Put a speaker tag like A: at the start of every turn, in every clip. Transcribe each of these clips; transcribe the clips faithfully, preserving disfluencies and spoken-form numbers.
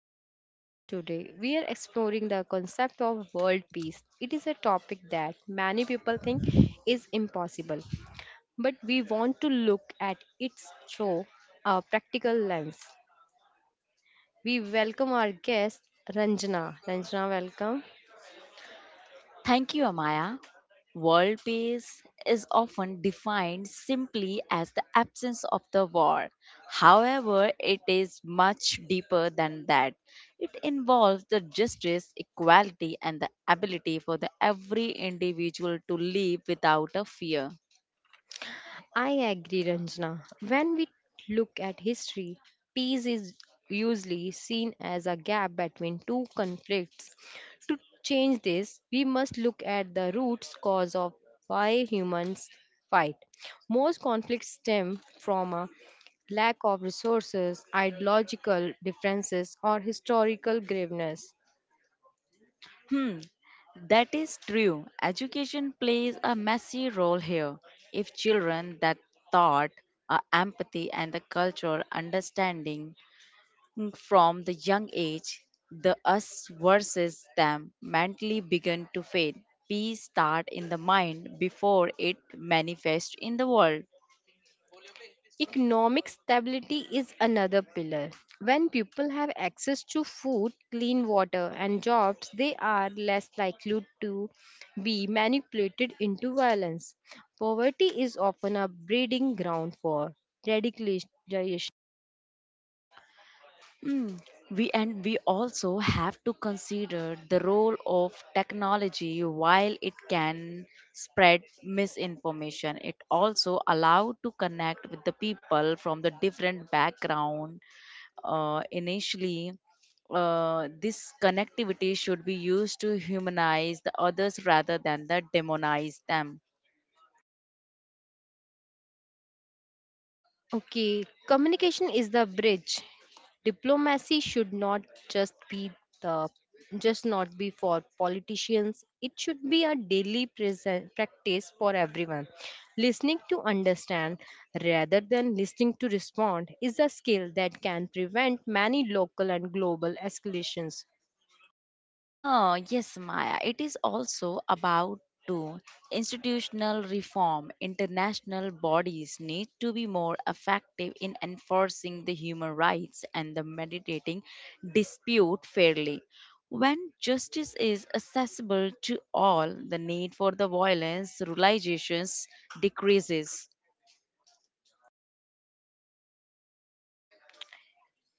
A: to our discussion today. We are exploring the concept of world peace. It is a topic that many people think is impossible, but we want to look at it through a practical lens. We welcome our guest, Ranjana. Ranjana, welcome.
B: Thank you, Amaya. World peace is often defined simply as the absence of the war. However, it is much deeper than that. It involves the justice, equality, and the ability for the every individual to live without a fear.
A: I agree, Ranjana. When we look at history, peace is usually seen as a gap between two conflicts. To change this, we must look at the roots cause of why humans fight. Most conflicts stem from a lack of resources, ideological differences, or historical graveness.
B: Hmm, that is true. Education plays a messy role here. If children that thought, uh, empathy, and the cultural understanding from the young age, the us versus them mentally begin to fade. Peace start in the mind before it manifests in the world.
A: Economic stability is another pillar. When people have access to food, clean water, and jobs, they are less likely to be manipulated into violence. Poverty is often a breeding ground for radicalization.
B: Mm. We and we also have to consider the role of technology while it can spread misinformation. It also allow to connect with the people from the different background uh, initially uh, this connectivity should be used to humanize the others rather than the demonize them.
A: Okay, communication is the bridge. Diplomacy should not just be the just not be for politicians. It should be a daily present practice for everyone. Listening to understand rather than listening to respond is a skill that can prevent many local and global escalations.
B: Oh, yes, Maya. It is also about to institutional reform. International bodies need to be more effective in enforcing the human rights and the mediating dispute fairly. When justice is accessible to all, the need for the violence realizations decreases.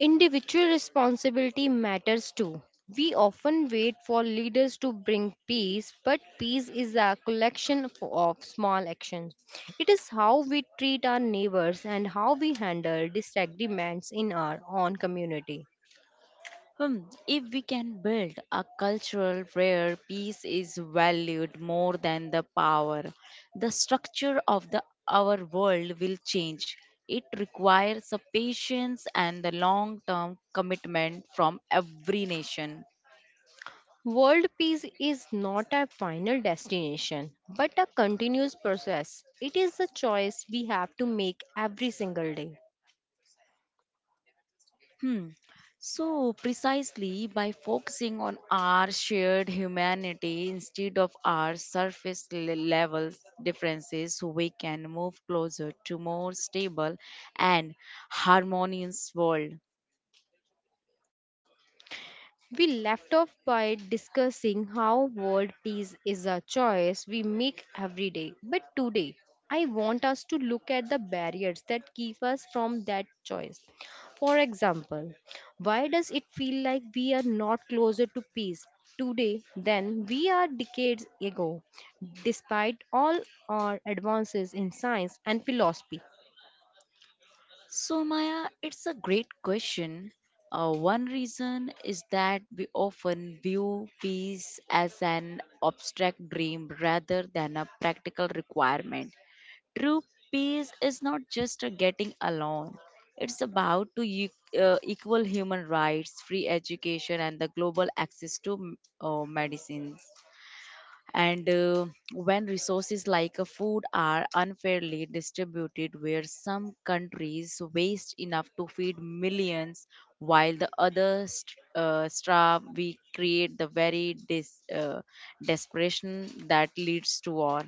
A: Individual responsibility matters too. We often wait for leaders to bring peace, but peace is a collection of of small actions. It is how we treat our neighbors and how we handle disagreements in our own community.
B: Hmm, if we can build a culture where peace is valued more than the power, the structure of the our world will change. It requires a patience and the long-term commitment from every nation.
A: World peace is not a final destination, but a continuous process. It is a choice we have to make every single day.
B: Hmm. So, precisely by focusing on our shared humanity instead of our surface le- level differences, we can move closer to more stable and harmonious world.
A: We left off by discussing how world peace is a choice we make every day. But today, I want us to look at the barriers that keep us from that choice. For example, why does it feel like we are not closer to peace today than we are decades ago, despite all our advances in science and philosophy?
B: So, Maya, it's a great question. Uh, one reason is that we often view peace as an abstract dream rather than a practical requirement. True peace is not just a getting along. It's about to e- uh, equal human rights, free education, and the global access to m- uh, medicines. And uh, when resources like uh, food are unfairly distributed, where some countries waste enough to feed millions while the others uh, starve, we create the very dis- uh, desperation that leads to war.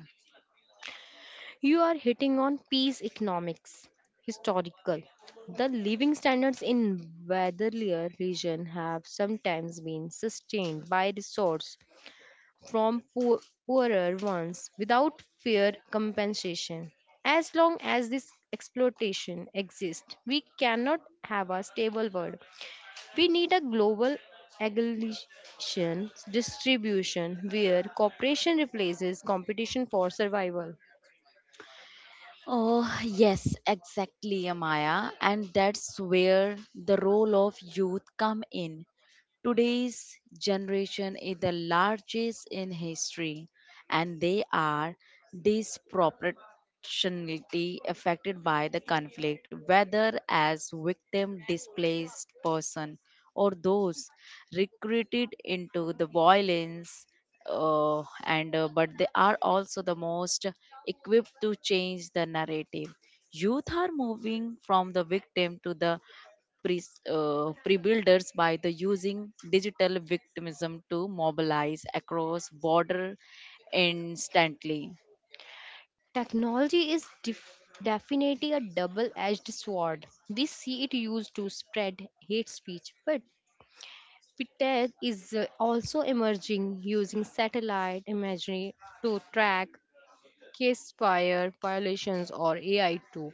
A: You are hitting on peace economics, historical. The living standards in Weatherlier region have sometimes been sustained by resource from poor, poorer ones without fair compensation. As long as this exploitation exists, we cannot have a stable world. We need a global aggregation distribution where cooperation replaces competition for survival.
B: Oh, yes, exactly, Amaya. And that's where the role of youth come in. Today's generation is the largest in history, and they are disproportionately affected by the conflict, whether as victim, displaced person, or those recruited into the violence. Uh, and uh, but they are also the most equipped to change the narrative. Youth are moving from the victim to the pre uh, builders by the using digital victimism to mobilize across border instantly.
A: Technology is def- definitely a double edged sword. We see it used to spread hate speech, but Fitech is uh, also emerging, using satellite imagery to track case fire violations, or A I too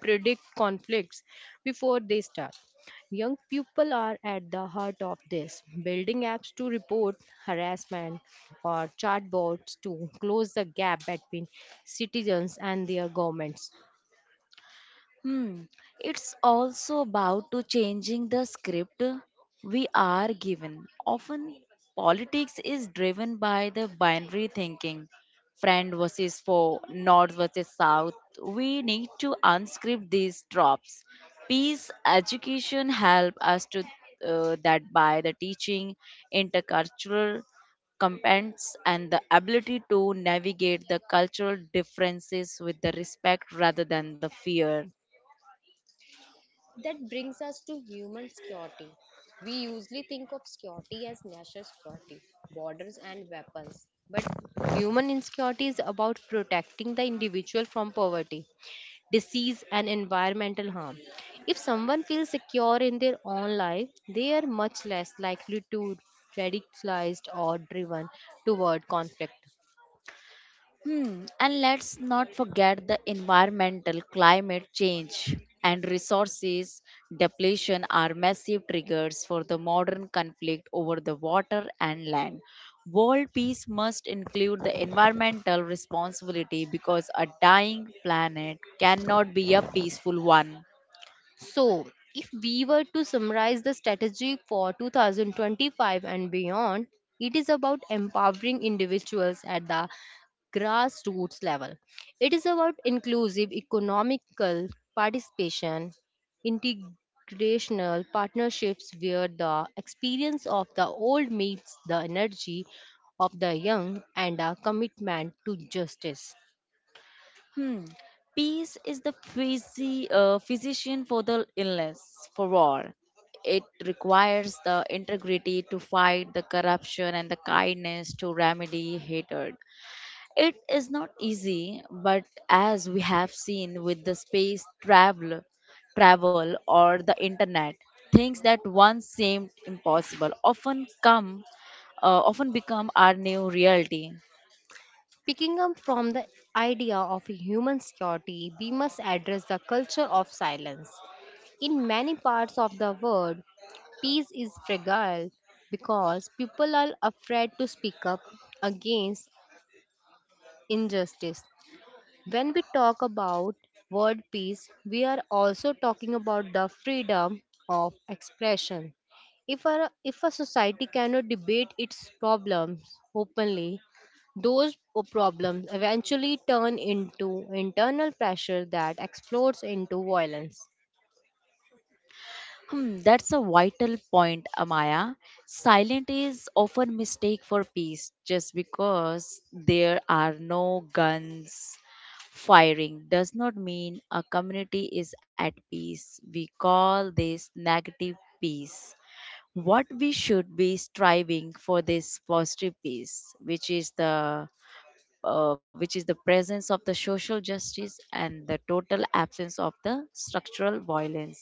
A: predict conflicts before they start. Young people are at the heart of this, building apps to report harassment or chatbots to close the gap between citizens and their governments.
B: Hmm. It's also about to changing the script we are given. Often politics is driven by the binary thinking. Friend versus foe, north versus south. We need to unscript these tropes. Peace education help us to uh, that by the teaching intercultural competence and the ability to navigate the cultural differences with the respect rather than the fear.
A: That brings us to human security. We usually think of security as national security, borders, and weapons. But human insecurity is about protecting the individual from poverty, disease, and environmental harm. If someone feels secure in their own life, they are much less likely to radicalized or driven toward conflict.
B: Hmm, and let's not forget the environmental climate change and resources depletion are massive triggers for the modern conflict over the water and land. World peace must include the environmental responsibility because a dying planet cannot be a peaceful one.
A: So, if we were to summarize the strategy for twenty twenty-five and beyond, it is about empowering individuals at the grassroots level. It is about inclusive economical participation, integrational partnerships where the experience of the old meets the energy of the young, and a commitment to justice.
B: Hmm. Peace is the physi- uh, physician for the illness, for war. It requires the integrity to fight the corruption and the kindness to remedy hatred. It is not easy, but as we have seen with the space travel, travel or the internet, things that once seemed impossible often come, uh, often become our new reality.
A: Picking up from the idea of human security, we must address the culture of silence. In many parts of the world, peace is fragile because people are afraid to speak up against injustice. When we talk about world peace, we are also talking about the freedom of expression. If a, if a society cannot debate its problems openly, those p- problems eventually turn into internal pressure that explodes into violence.
B: Hmm, that's a vital point, Amaya. Silent is often mistake for peace just because there are no guns firing does not mean a community is at peace. We call this negative peace. What we should be striving for this positive peace, which is the uh, which is the presence of the social justice and the total absence of the structural violence.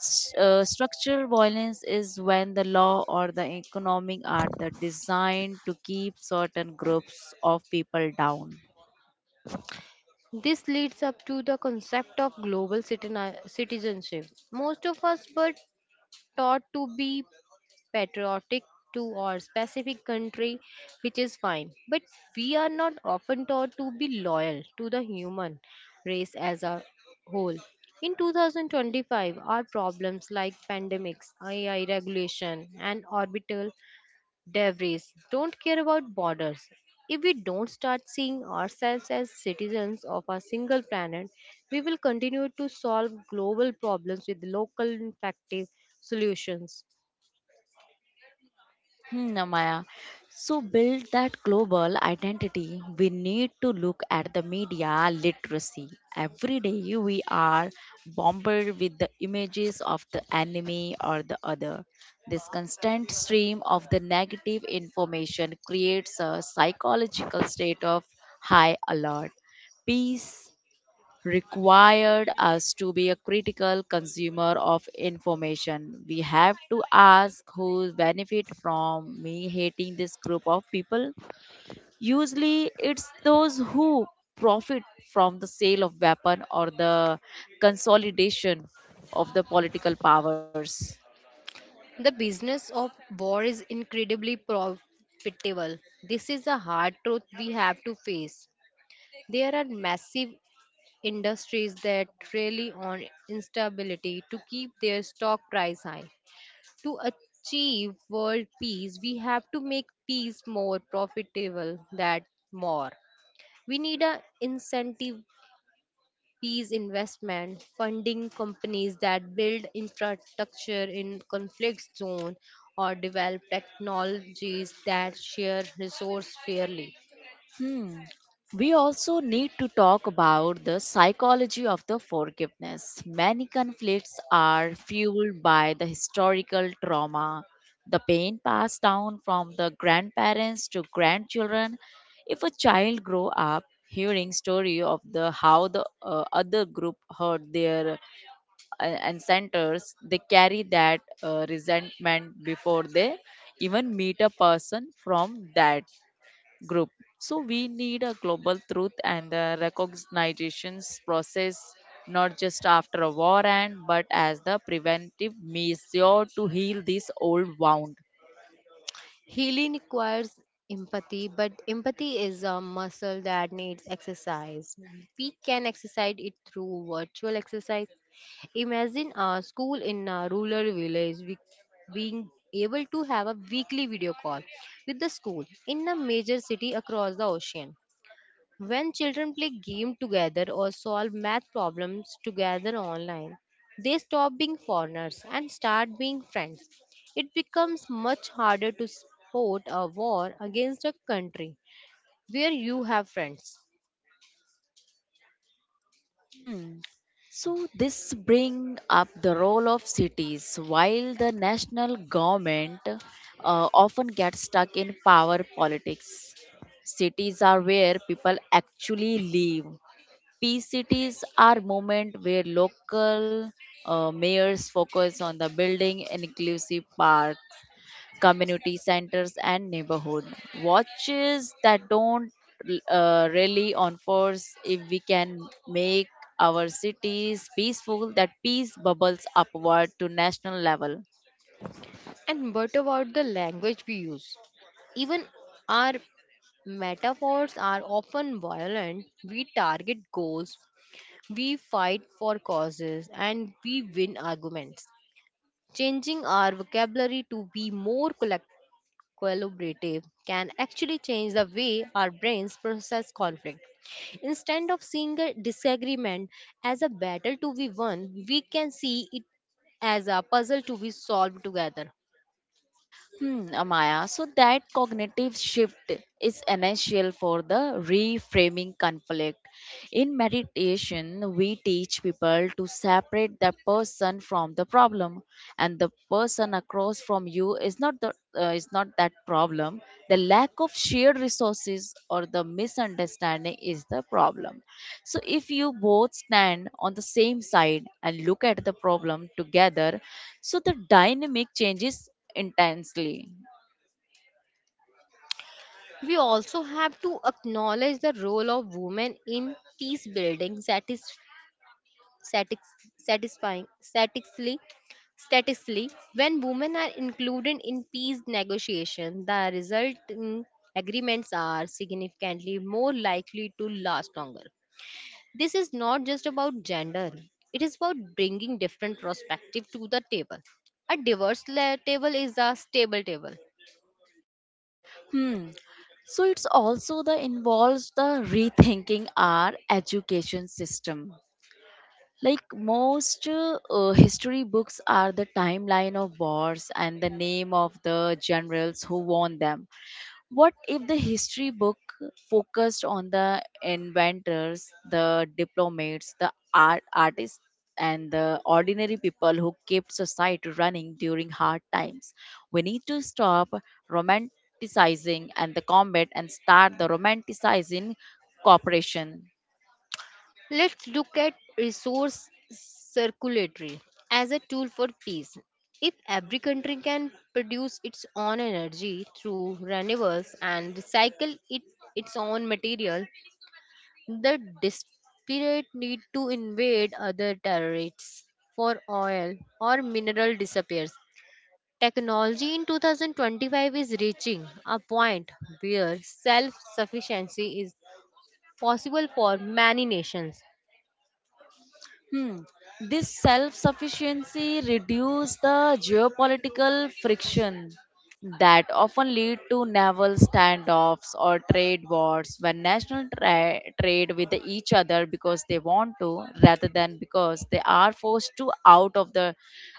B: S- uh, structural violence is when the law or the economic are the designed to keep certain groups of people down.
A: This leads up to the concept of global citizen- citizenship. Most of us were taught to be patriotic to our specific country, which is fine. But we are not often taught to be loyal to the human race as a whole. In twenty twenty-five, our problems like pandemics, A I regulation, and orbital debris don't care about borders. If we don't start seeing ourselves as citizens of a single planet, we will continue to solve global problems with local effective solutions.
B: Hmm, Amaya. So build that global identity. We need to look at the media literacy. Every day we are bombarded with the images of the enemy or the other. This constant stream of the negative information creates a psychological state of high alert. Peace required us to be a critical consumer of information. We have to ask who benefit from me hating this group of people. Usually it's those who profit from the sale of weapon or the consolidation of the political powers.
A: The business of war is incredibly profitable. This is a hard truth we have to face. There are massive industries that rely on instability to keep their stock price high. To achieve world peace, we have to make peace more profitable than war. We need an incentive peace investment, funding companies that build infrastructure in conflict zone or develop technologies that share resource fairly.
B: Hmm. We also need to talk about the psychology of the forgiveness. Many conflicts are fueled by the historical trauma, the pain passed down from the grandparents to grandchildren. If a child grow up hearing story of the how the uh, other group hurt their uh, ancestors, they carry that uh, resentment before they even meet a person from that group. So we need a global truth and the recognitions process not just after a war end but as the preventive measure to heal this old wound.
A: Healing requires empathy, but empathy is a muscle that needs exercise. We can exercise it through virtual exercise. Imagine a school in a rural village we- being able to have a weekly video call with the school in a major city across the ocean. When children play game together or solve math problems together online, they stop being foreigners and start being friends. It becomes much harder to support a war against a country where you have friends.
B: Hmm. So this bring up the role of cities. While the national government uh, often gets stuck in power politics, cities are where people actually live. Peace cities are movement where local uh, mayors focus on the building inclusive parks, community centers, and neighborhood watches that don't uh, rely on force. If we can make our cities peaceful, that peace bubbles upward to national level.
A: And what about the language we use? Even our metaphors are often violent. We target goals, we fight for causes, and we win arguments. Changing our vocabulary to be more collect- collaborative can actually change the way our brains process conflict. Instead of seeing a disagreement as a battle to be won, we can see it as a puzzle to be solved together.
B: Hmm, Amaya, so that cognitive shift is essential for the reframing conflict. In meditation, we teach people to separate the person from the problem, and the person across from you is not the uh, is not that problem. The lack of shared resources or the misunderstanding is the problem. So, if you both stand on the same side and look at the problem together, so the dynamic changes intensely.
A: We also have to acknowledge the role of women in peace building satis- satis- satisfying, statistically statistically when women are included in peace negotiations, the resulting agreements are significantly more likely to last longer. This is not just about gender, it is about bringing different perspectives to the table. A diverse la- table is a stable table.
B: Hmm. So, it's also the involves the rethinking our education system. Like most uh, uh, history books are the timeline of wars and the name of the generals who won them. What if the history book focused on the inventors, the diplomats, the art artists, and the ordinary people who kept society running during hard times? We need to stop romanticizing and the combat and start the romanticizing cooperation.
A: Let's look at resource circulatory as a tool for peace. If every country can produce its own energy through renewables and recycle it, its own material, the desperate need to invade other territories for oil or mineral disappears. Technology in twenty twenty-five is reaching a point where self sufficiency is possible for many nations.
B: Hmm. This self sufficiency reduced the geopolitical friction that often lead to naval standoffs or trade wars when national tra- trade with each other because they want to rather than because they are forced to out of the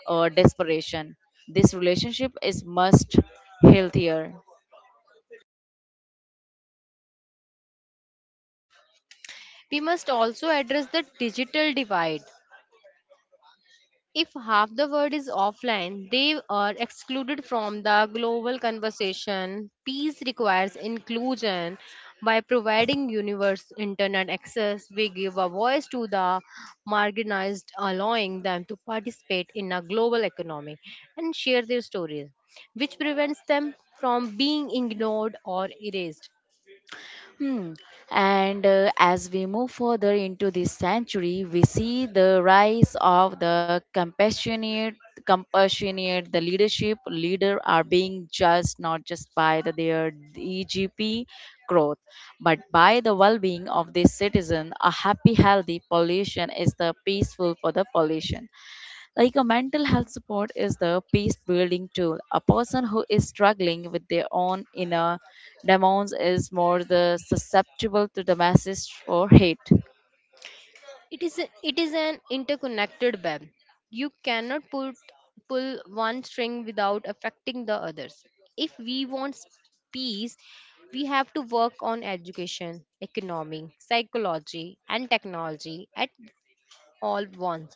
B: uh, desperation. This relationship is much healthier.
A: We must also address the digital divide. If half the world is offline, they are excluded from the global conversation. Peace requires inclusion. By providing universe internet access, we give a voice to the marginalized, allowing them to participate in a global economy and share their stories, which prevents them from being ignored or erased.
B: Hmm. And uh, as we move further into this century, we see the rise of the compassionate, compassionate, the leadership leader are being judged not just by the, their E G P growth, but by the well-being of the citizen. A happy, healthy pollution is the peaceful for the pollution. Like a mental health support is the peace building tool. A person who is struggling with their own inner demons is more the susceptible to the message or hate.
A: It is a, it is an interconnected web. You cannot put pull one string without affecting the others. If we want s- peace, we have to work on education, economy, psychology, and technology at all once.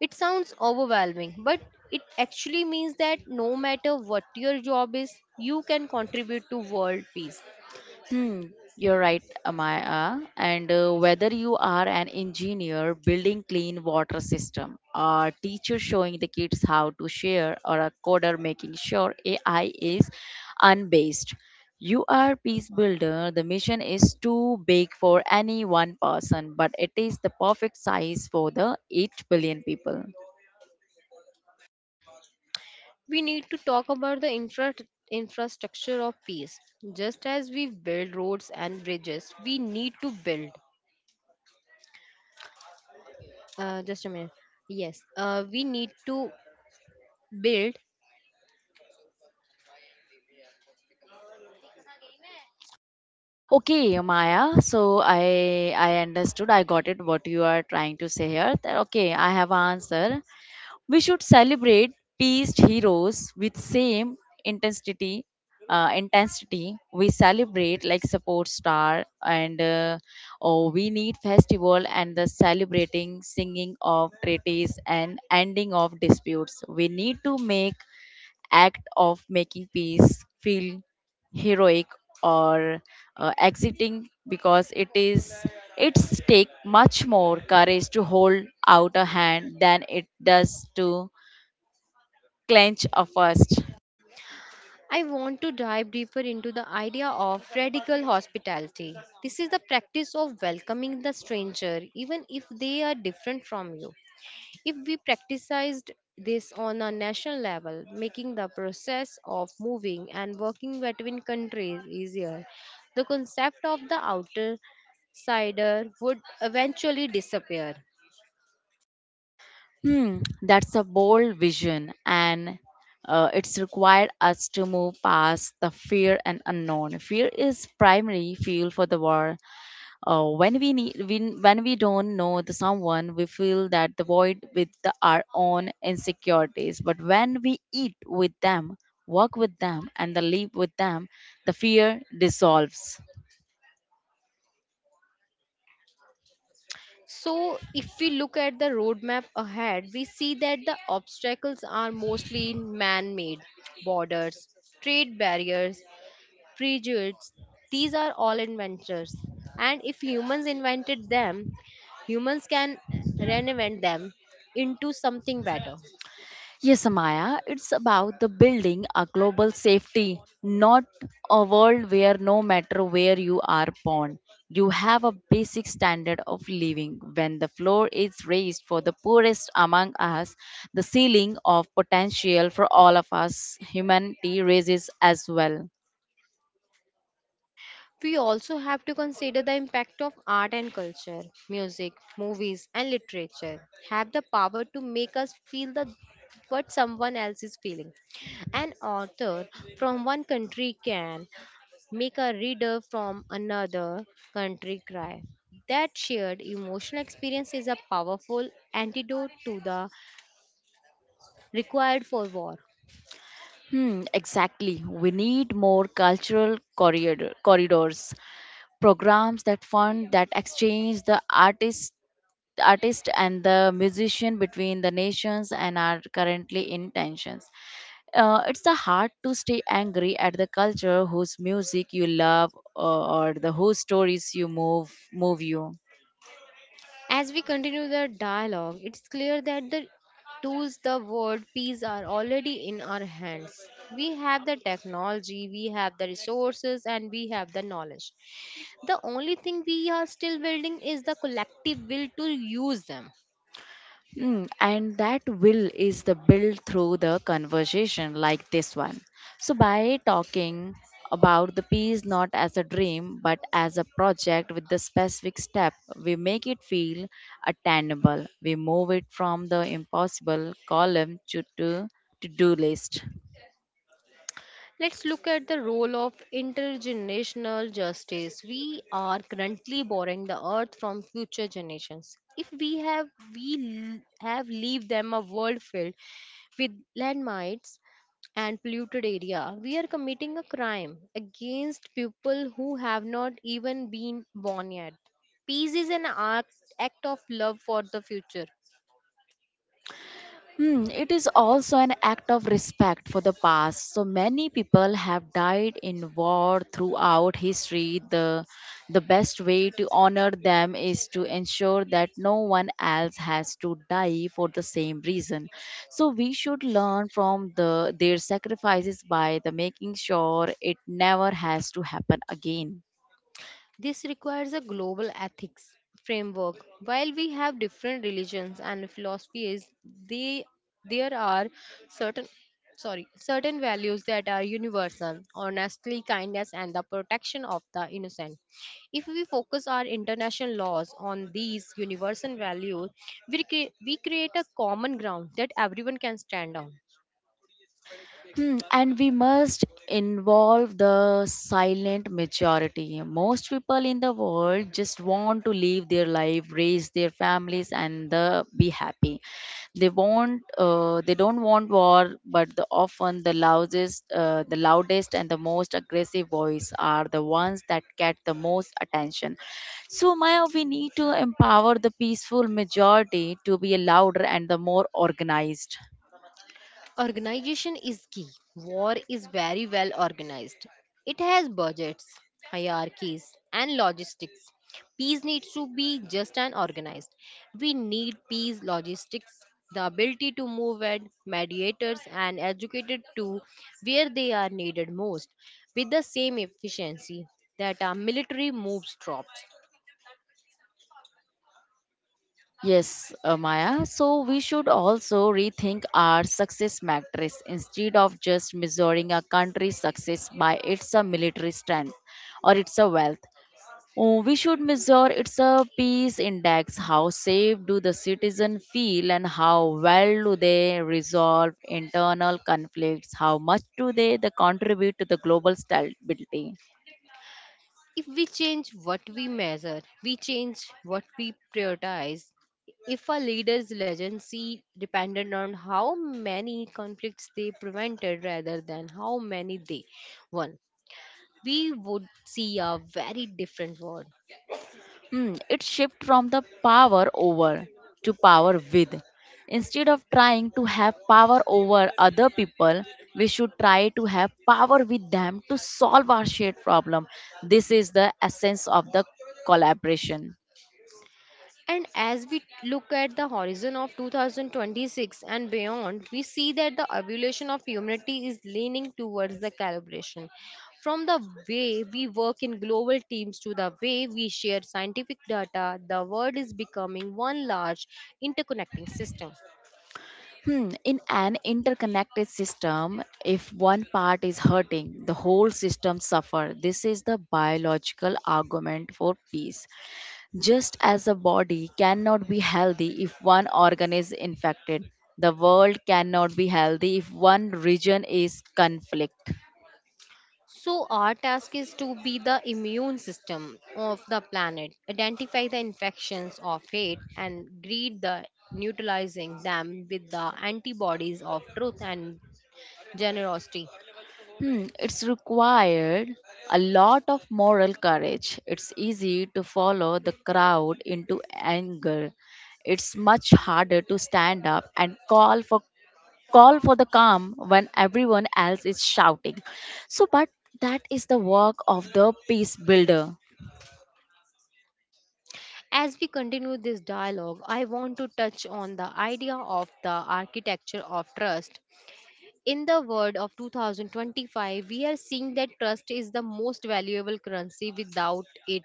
A: It sounds overwhelming, but it actually means that no matter what your job is, you can contribute to world peace.
B: Hmm, you're right, Amaya. And uh, whether you are an engineer building clean water system, a teacher showing the kids how to share, or a coder making sure A I is unbased, you are peace builder. The mission is too big for any one person, but it is the perfect size for the eight billion people.
A: We need to talk about the infra- infrastructure of peace. Just as we build roads and bridges, we need to build. Uh, just a minute. Yes, uh, we need to build.
B: Okay, Maya. So I I understood. I got it. What you are trying to say here. That- Okay, I have answer. We should celebrate past heroes with same intensity uh, intensity we celebrate like support star and uh, oh, we need festival and the celebrating singing of treaties and ending of disputes we need to make act of making peace feel heroic or uh, exiting because it is it's take much more courage to hold out a hand than it does to clench a first.
A: I want to dive deeper into the idea of radical hospitality. This is the practice of welcoming the stranger, even if they are different from you. If we practiced this on a national level, making the process of moving and working between countries easier, the concept of the outer cider would eventually disappear.
B: Hmm, that's a bold vision, and uh, it's required us to move past the fear and unknown. Fear is primary fuel for the war. Uh, when we need, when, when we don't know the someone, we fill that the void with the, our own insecurities. But when we eat with them, work with them, and the live with them, the fear dissolves.
A: So, if we look at the roadmap ahead, we see that the obstacles are mostly man made, borders, trade barriers, prejudice, these are all inventors. And if humans invented them, humans can reinvent them into something better.
B: Yes, Amaya, it's about the building a global safety, not a world where no matter where you are born, you have a basic standard of living. When the floor is raised for the poorest among us, the ceiling of potential for all of us, humanity, raises as well.
A: We also have to consider the impact of art and culture. Music, movies, and literature have the power to make us feel the what someone else is feeling. An author from one country can make a reader from another country cry. That shared emotional experience is a powerful antidote to the required for war.
B: Hmm, exactly. We need more cultural corridor, corridors, programs that fund, that exchange the artists artist and the musician between the nations and are currently in tensions. Uh, it's a hard to stay angry at the culture whose music you love uh, or the whose stories you move move you.
A: As we continue the dialogue, it's clear that the tools, the word peace are already in our hands. We have the technology, we have the resources, and we have the knowledge. The only thing we are still building is the collective will to use them.
B: Mm, and that will is the build through the conversation like this one. So by talking about the peace not as a dream but as a project with the specific step, we make it feel attainable. We move it from the impossible column to to to do list.
A: Let's look at the role of intergenerational justice. We are currently borrowing the earth from future generations. If we have we l- have leave them a world filled with landmines and polluted area, we are committing a crime against people who have not even been born yet. Peace is an act, act of love for the future.
B: Hmm, it is also an act of respect for the past. So many people have died in war throughout history. The, the best way to honor them is to ensure that no one else has to die for the same reason. So we should learn from the, their sacrifices by the making sure it never has to happen again.
A: This requires a global ethics framework. While we have different religions and philosophies, they, there are certain sorry certain values that are universal, honestly, kindness and the protection of the innocent. If we focus our international laws on these universal values, we, cre- we create a common ground that everyone can stand on.
B: Hmm, and we must involve the silent majority. Most people in the world just want to live their life, raise their families, and uh, be happy. They want, uh, they don't want war, but the, often the loudest, uh, the loudest and the most aggressive voice are the ones that get the most attention. So, Maya, we need to empower the peaceful majority to be louder and the more organized.
A: Organization is key. War is very well organized. It has budgets, hierarchies, and logistics. Peace needs to be just and organized. We need peace logistics, the ability to move at mediators and educated to where they are needed most with the same efficiency that our military moves troops.
B: Yes, uh, Maya. So we should also rethink our success matrix instead of just measuring a country's success by its uh, military strength or its uh, wealth. Uh, we should measure its a peace index. How safe do the citizen feel, and how well do they resolve internal conflicts? How much do they, they contribute to the global stability?
A: If we change what we measure, we change what we prioritize. If a leader's legacy depended on how many conflicts they prevented rather than how many they won, we would see a very different world.
B: Mm, it shift from the power over to power with. Instead of trying to have power over other people, we should try to have power with them to solve our shared problem. This is the essence of the collaboration.
A: And as we look at the horizon of two thousand twenty-six and beyond, we see that the evolution of humanity is leaning towards the calibration. From the way we work in global teams to the way we share scientific data, the world is becoming one large interconnecting system.
B: Hmm, in an interconnected system, if one part is hurting, the whole system suffer. This is the biological argument for peace. Just as a body cannot be healthy if one organ is infected, the world cannot be healthy if one region is conflict.
A: So, our task is to be the immune system of the planet, identify the infections of hate, and greet the neutralizing them with the antibodies of truth and generosity.
B: Hmm, it's required a lot of moral courage. It's easy to follow the crowd into anger. It's much harder to stand up and call for call for the calm when everyone else is shouting. So but that is the work of the peace builder.
A: As we continue this dialogue, I want to touch on the idea of the architecture of trust. In the world of two thousand twenty-five, we are seeing that trust is the most valuable currency without it.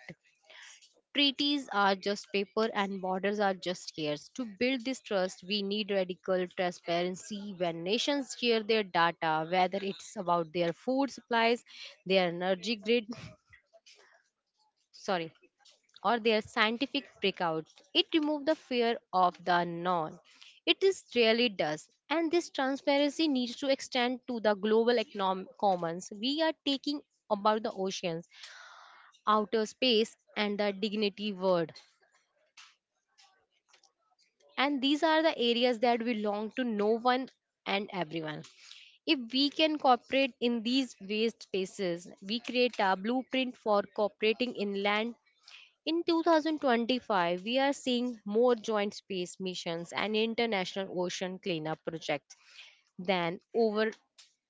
A: Treaties are just paper and borders are just years. To build this trust, we need radical transparency when nations share their data, whether it's about their food supplies, their energy grid, sorry or their scientific breakouts. It removes the fear of the unknown. It is really does. And this transparency needs to extend to the global economic commons. We are taking about the oceans, outer space, and the dignity world. And these are the areas that belong to no one and everyone. If we can cooperate in these waste spaces, we create a blueprint for cooperating in land. In twenty twenty-five, we are seeing more joint space missions and international ocean cleanup projects than over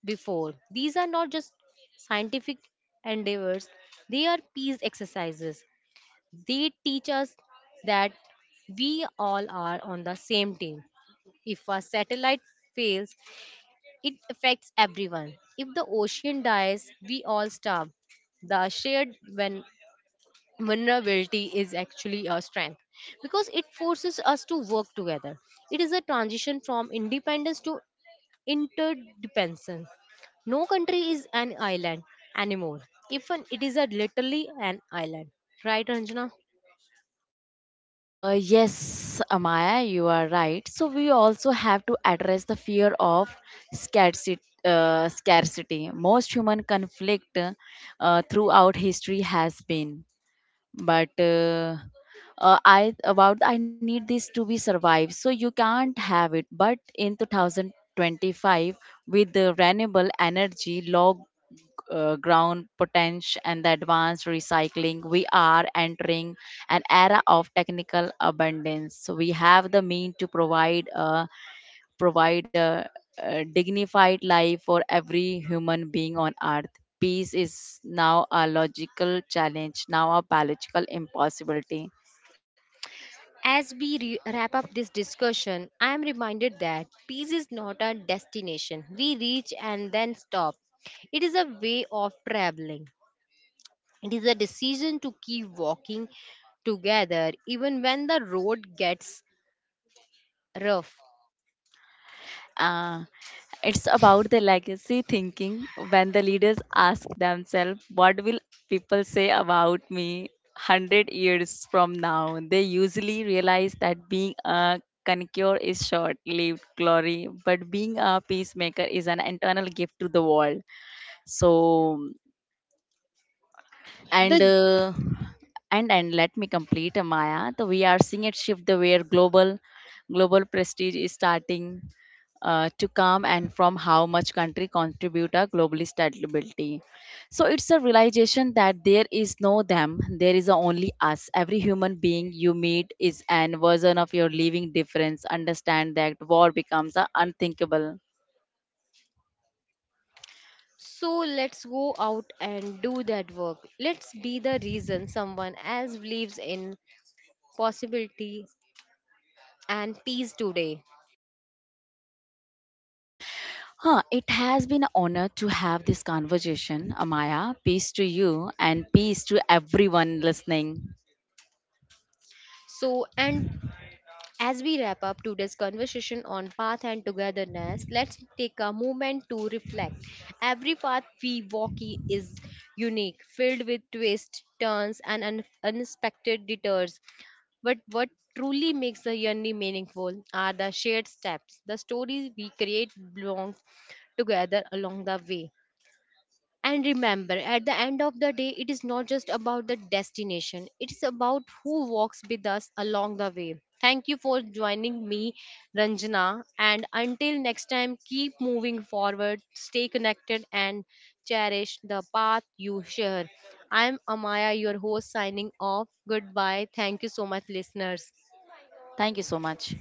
A: before. These are not just scientific endeavors, they are peace exercises. They teach us that we all are on the same team. If a satellite fails, it affects everyone. If the ocean dies, we all starve. The shared when vulnerability is actually a strength because it forces us to work together. It is a transition from independence to interdependence. No country is an island anymore. Even it is a literally an island. Right, Ranjana?
B: Uh, yes, Amaya, you are right. So we also have to address the fear of scarcity. Uh, scarcity. Most human conflict uh, throughout history has been, but uh, uh, I about I need this to be survived. So you can't have it. But in two thousand twenty-five, with the renewable energy, log uh, ground potential and the advanced recycling, we are entering an era of technical abundance. So, we have the mean to provide a provide a, a dignified life for every human being on earth. Peace is now a logical challenge, now a biological impossibility.
A: As we re- wrap up this discussion, I am reminded that peace is not a destination we reach and then stop. It is a way of traveling. It is a decision to keep walking together even when the road gets rough.
B: Uh, it's about the legacy thinking when the leaders ask themselves, what will people say about me one hundred years from now? They usually realize that being a conqueror is short lived glory, but being a peacemaker is an eternal gift to the world. So,
A: The
B: and uh, and and let me complete uh, Maya. So we are seeing it shift the where global global prestige is starting uh, to come and from how much country contribute a global stability. So it's a realization that there is no them, there is a only us. Every human being you meet is an version of your living difference. Understand that war becomes a unthinkable.
A: so let's go out and do that work. Let's be the reason someone else believes in possibility and peace today.
B: Huh, it has been an honor to have this conversation, Amaya. Peace to you and peace to everyone listening.
A: So and As we wrap up today's conversation on path and togetherness, let's take a moment to reflect. Every path we walk i- is unique, filled with twists, turns, and un- unexpected detours. But what truly makes the journey meaningful are the shared steps, the stories we create belong together along the way. And remember, at the end of the day, it is not just about the destination, it is about who walks with us along the way. Thank you for joining me, Ranjana. And until next time, keep moving forward, stay connected, and cherish the path you share. I'm Amaya, your host, signing off. Goodbye. Thank you so much, listeners.
B: Thank you so much.